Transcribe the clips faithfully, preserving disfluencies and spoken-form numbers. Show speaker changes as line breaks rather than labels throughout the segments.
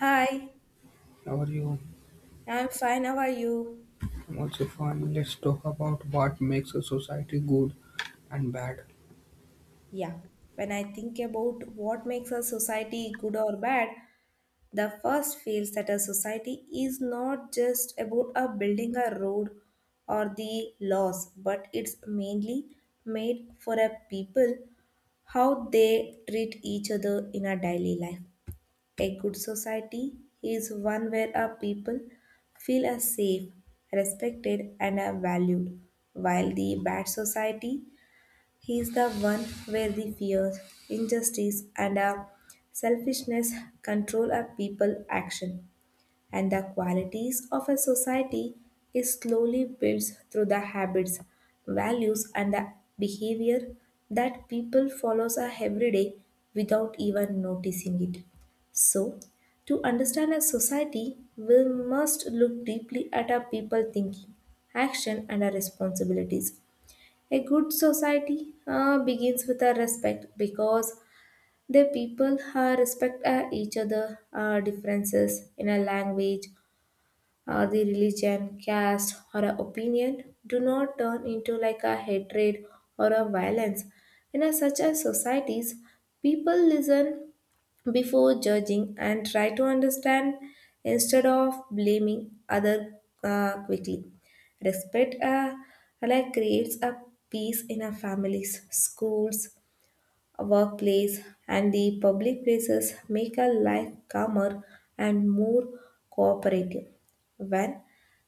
Hi,
How are you?
I'm fine. How are you?
I'm also fine. Let's talk about what makes a society good and bad.
Yeah. When I think about what makes a society good or bad, the first feels that a society is not just about a building a road or the laws, but it's mainly made for a people how they treat each other in a daily life. A good society is one where a people feel as safe, respected, and are valued, while the bad society He is the one where the fear, injustice, and uh, selfishness control a people action, and the qualities of a society is slowly built through the habits, values, and the behavior that people follows uh, every day without even noticing it. So, to understand a society, we must look deeply at our people thinking, action, and our responsibilities. A good society uh, begins with a respect because the people uh, respect uh, each other uh, differences in a language or the religion, caste or a opinion do not turn into like a hatred or a violence. In a such a societies, people listen before judging and try to understand instead of blaming other uh, quickly. Respect uh, like creates a peace in our families, schools, workplace, and the public places make our life calmer and more cooperative. When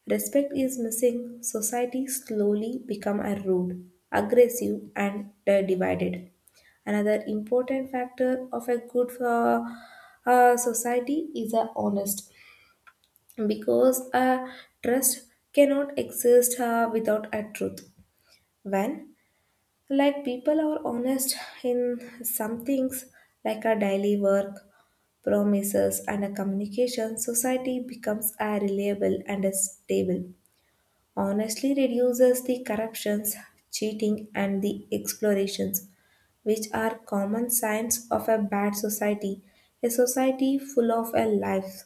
respect is missing, society slowly become a rude, aggressive, and uh, divided. Another important factor of a good uh, uh, society is a honest, because uh, trust cannot exist uh, without a truth. When like people are honest in some things, like our daily work, promises, and a communication, society becomes a reliable and a stable. Honestly reduces the corruptions, cheating, and the explorations, which are common signs of a bad society. A society full of a life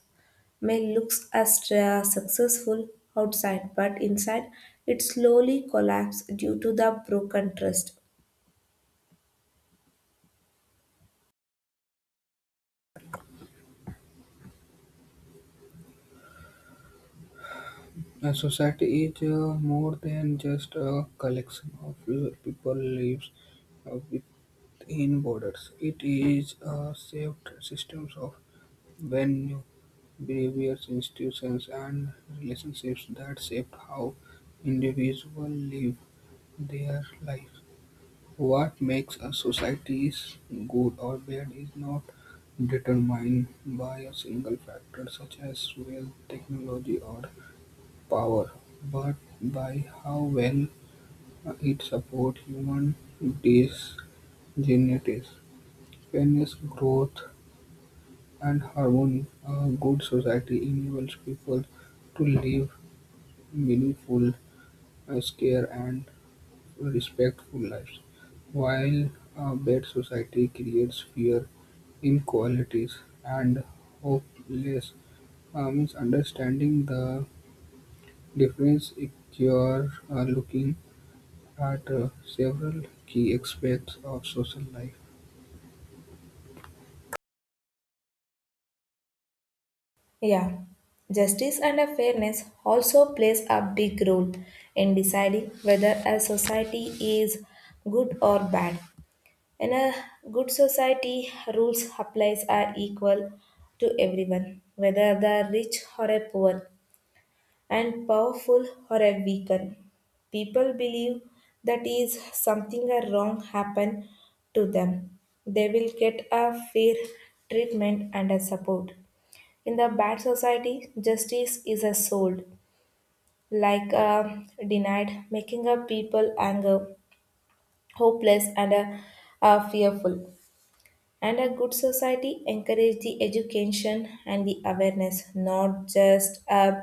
may looks as uh, successful outside, but inside it slowly collapses due to the broken trust.
A society is uh, more than just a collection of l- people lives uh, within borders. It is a shaped systems of value, behaviors, institutions, and relationships that shape how individuals live their life. What makes a society is good or bad is not determined by a single factor such as wealth, technology, or power, but by how well it supports human dignity, fairness, growth, and harmony. A good society enables people to live meaningful, uh, care, and respectful lives while a bad society creates fear, inequalities, and hopeless uh, means understanding the difference if you are uh, looking at uh, several key aspects of social life.
Yeah, justice and a fairness also plays a big role in deciding whether a society is good or bad. In a good society, rules applies are equal to everyone, whether they are rich or a poor, and powerful or a weaker. People believe that is something a wrong happen to them. They will get a fair treatment and a support. In the bad society, justice is sold, like uh, denied, making a people anger, hopeless, and uh, uh, fearful. And a good society encourages the education and the awareness, not just uh,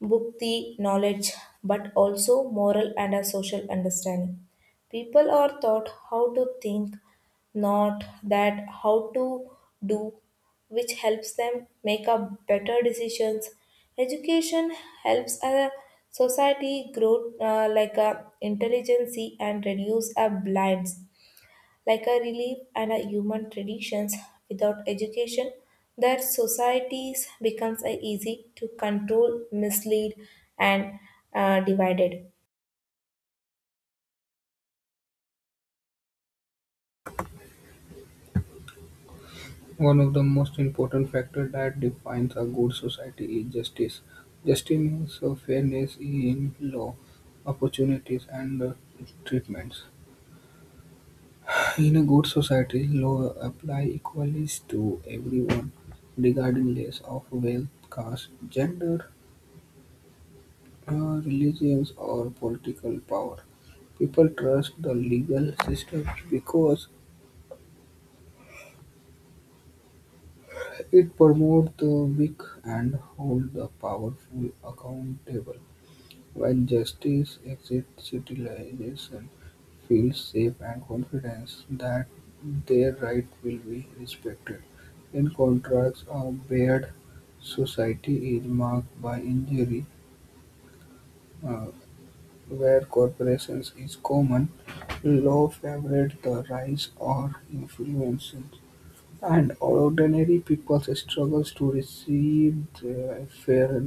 bhakti, knowledge, but also moral and a social understanding. People are taught how to think, not that how to do, which helps them make up better decisions. Education helps a society grow uh, like a intelligency and reduce a blinds like a relief and a human traditions without education that societies becomes a easy to control mislead and uh, divided.
One of the most important factors that defines a good society is justice. Justice means uh, fairness in law, opportunities, and uh, treatments. In a good society, law apply equally to everyone regarding less of wealth, caste, gender, uh, religious or political power. People trust the legal system because it promotes the weak and hold the powerful accountable. When justice exists, civilization feels safe and confidence that their right will be respected. In contrast, a bad society is marked by injury, uh, where corporations is common, law favoured the rise or influential, and ordinary people struggles to receive their fair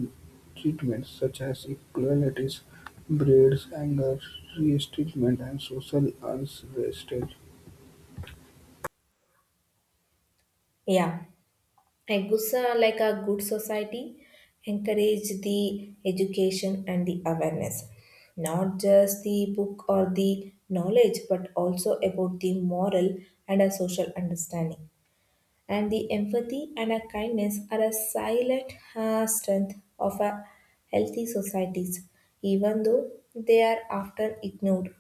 treatment, such as equalities breeds anger, resentment, and social unrest.
Yeah, a good so- like a good society encourage the education and the awareness, not just the book or the knowledge but also about the moral and a social understanding, and the empathy and our kindness are a silent uh, strength of our healthy societies, even though they are often ignored.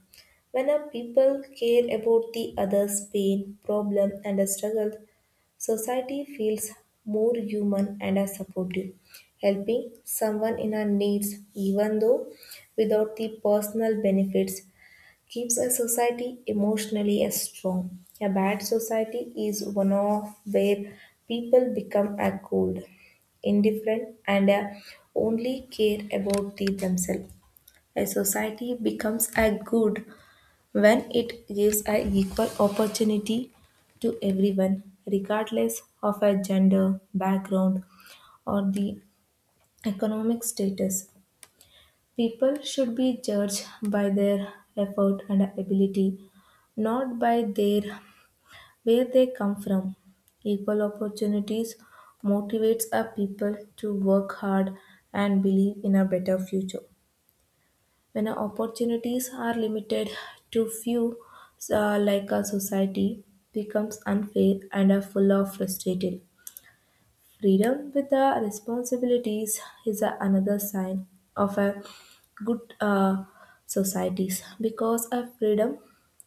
When a people care about the other's pain, problem, and a struggle, society feels more human and are supportive, helping someone in our needs, even though without the personal benefits keeps a society emotionally as strong. A bad society is one of where people become a cold, indifferent, and uh, only care about the themselves. A society becomes a good when it gives a equal opportunity to everyone, regardless of a gender, background, or the economic status. People should be judged by their effort and ability, not by their where they come from. Equal opportunities motivates a people to work hard and believe in a better future. When our opportunities are limited to few, uh, like a society becomes unfair and are full of frustrated. Freedom without responsibilities is a- another sign of a good uh, societies because a freedom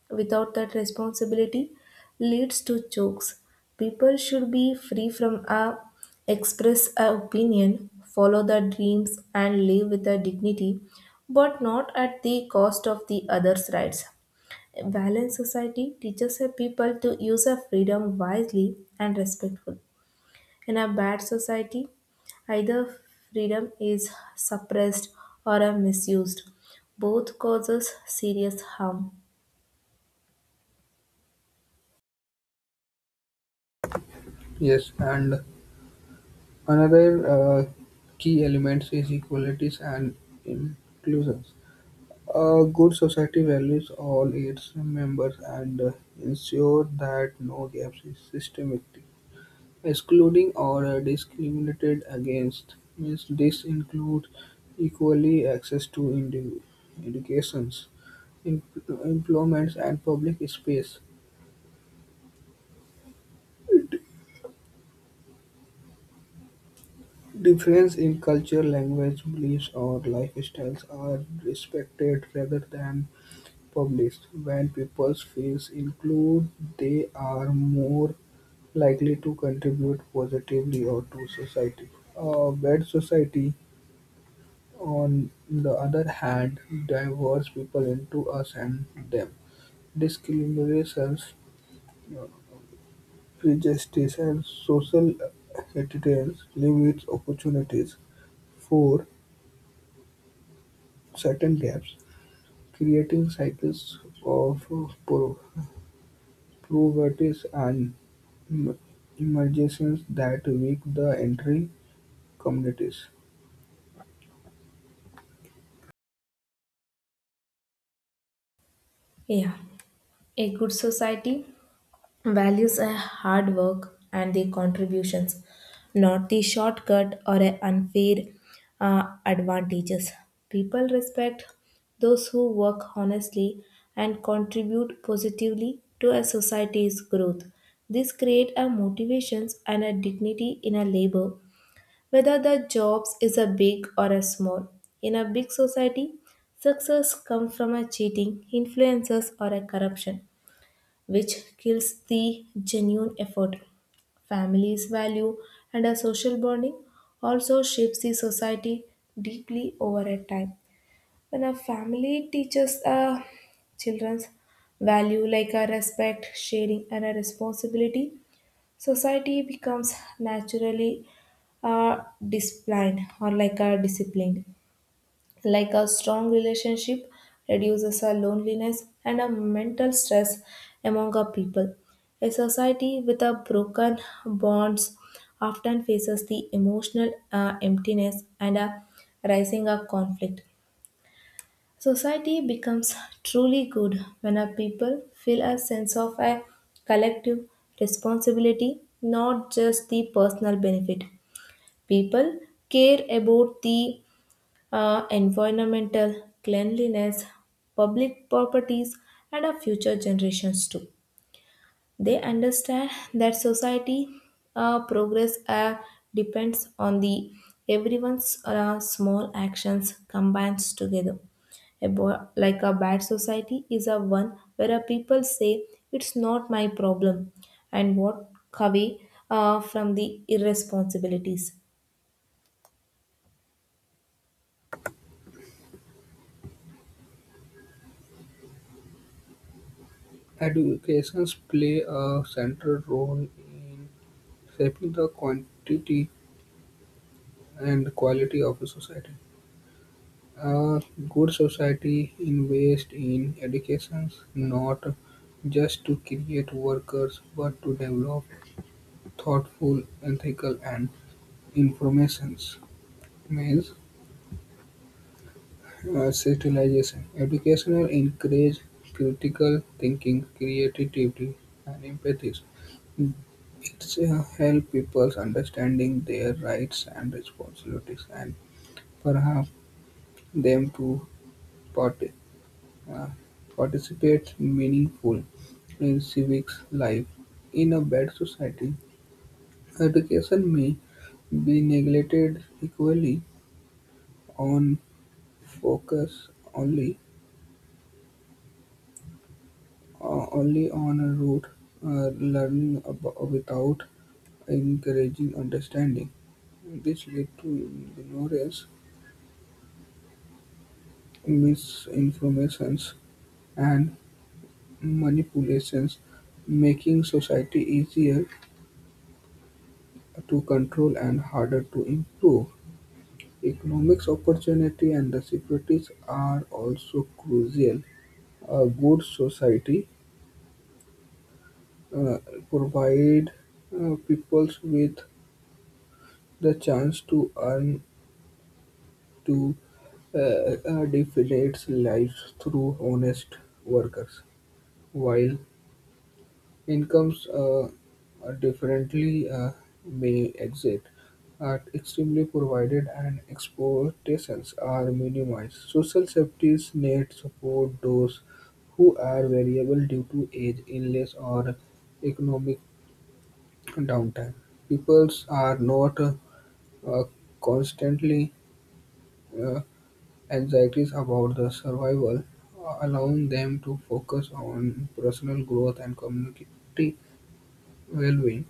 without that responsibility leads to chokes. People should be free from a express a opinion, follow their dreams, and live with a dignity, but not at the cost of the others' rights. A balanced society teaches a people to use a freedom wisely and respectfully. In a bad society, either freedom is suppressed or are misused. Both causes serious harm.
Yes, and another uh, key element is equalities and inclusion. A good society values all its members and uh, ensures that no gaps is systematic, excluding or uh, discriminated against. Means this includes equally access to edu- educations, em- employments, and public space. Difference in culture, language, beliefs, or lifestyles are respected rather than published, when people's fields include they are more likely to contribute positively or to society. A bad society, on the other hand, divides people into us and them. Discriminations, uh, prejudice, and social attitudes limits opportunities for certain gaps, creating cycles of uh, po- poverty and em- emergencies that weak the entry communities.
Yeah. A good society values a hard work and the contributions, not the shortcut or a unfair uh, advantages. People respect those who work honestly and contribute positively to a society's growth. This create a motivations and a dignity in a labor, whether the jobs is a big or a small. In a big society, success comes from a cheating, influences or a corruption which kills the genuine effort. Families value and a social bonding also shapes the society deeply over a time. When a family teaches uh, children's value like a respect, sharing, and a responsibility, society becomes naturally uh, disciplined or like a disciplined, like a strong relationship reduces our loneliness and a mental stress among our people. A society with a broken bonds often faces the emotional uh, emptiness and a rising of conflict. Society becomes truly good when our people feel a sense of a collective responsibility, not just the personal benefit. People care about the uh, environmental cleanliness, public properties, and our future generations too. They understand that society uh, progress uh, depends on the everyone's uh, small actions combined together. A bo- like a bad society is a one where a people say it's not my problem and walk away uh, from the irresponsibilities.
Educations play a central role in shaping the quantity and quality of a society. A good society invests in education not just to create workers but to develop thoughtful, ethical, and information means Uh, civilization: education encourages critical thinking, creativity, and empathy. It uh, help people understanding their rights and responsibilities, and perhaps them to parti- uh, participate meaningful in civics life. In a bad society, education may be neglected equally on focus only o- only on a route, uh, learning ab- without encouraging understanding. This leads to ignorance, misinformations, and manipulations, making society easier to control and harder to improve. Economics opportunity and the securities are also crucial. A good society uh, provide uh, peoples with the chance to earn to uh, uh, define lives through honest workers, while incomes uh, uh, differently uh, may exist are extremely provided and exploitations are minimized. Social safety net support those who are variable due to age, illness, or economic downtime. Peoples are not uh, uh, constantly uh, anxieties about the survival uh, allowing them to focus on personal growth and community well-being.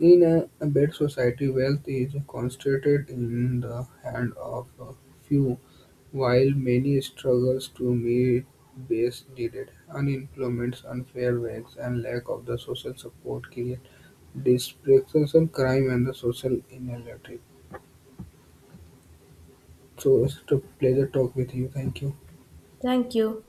In a a bad society, wealth is concentrated in the hand of a few, while many struggles to meet base needed. Unemployment, unfair wages, and lack of the social support create dispersion, crime, and the social inequality. So it's a pleasure talk with you. Thank you.
Thank you.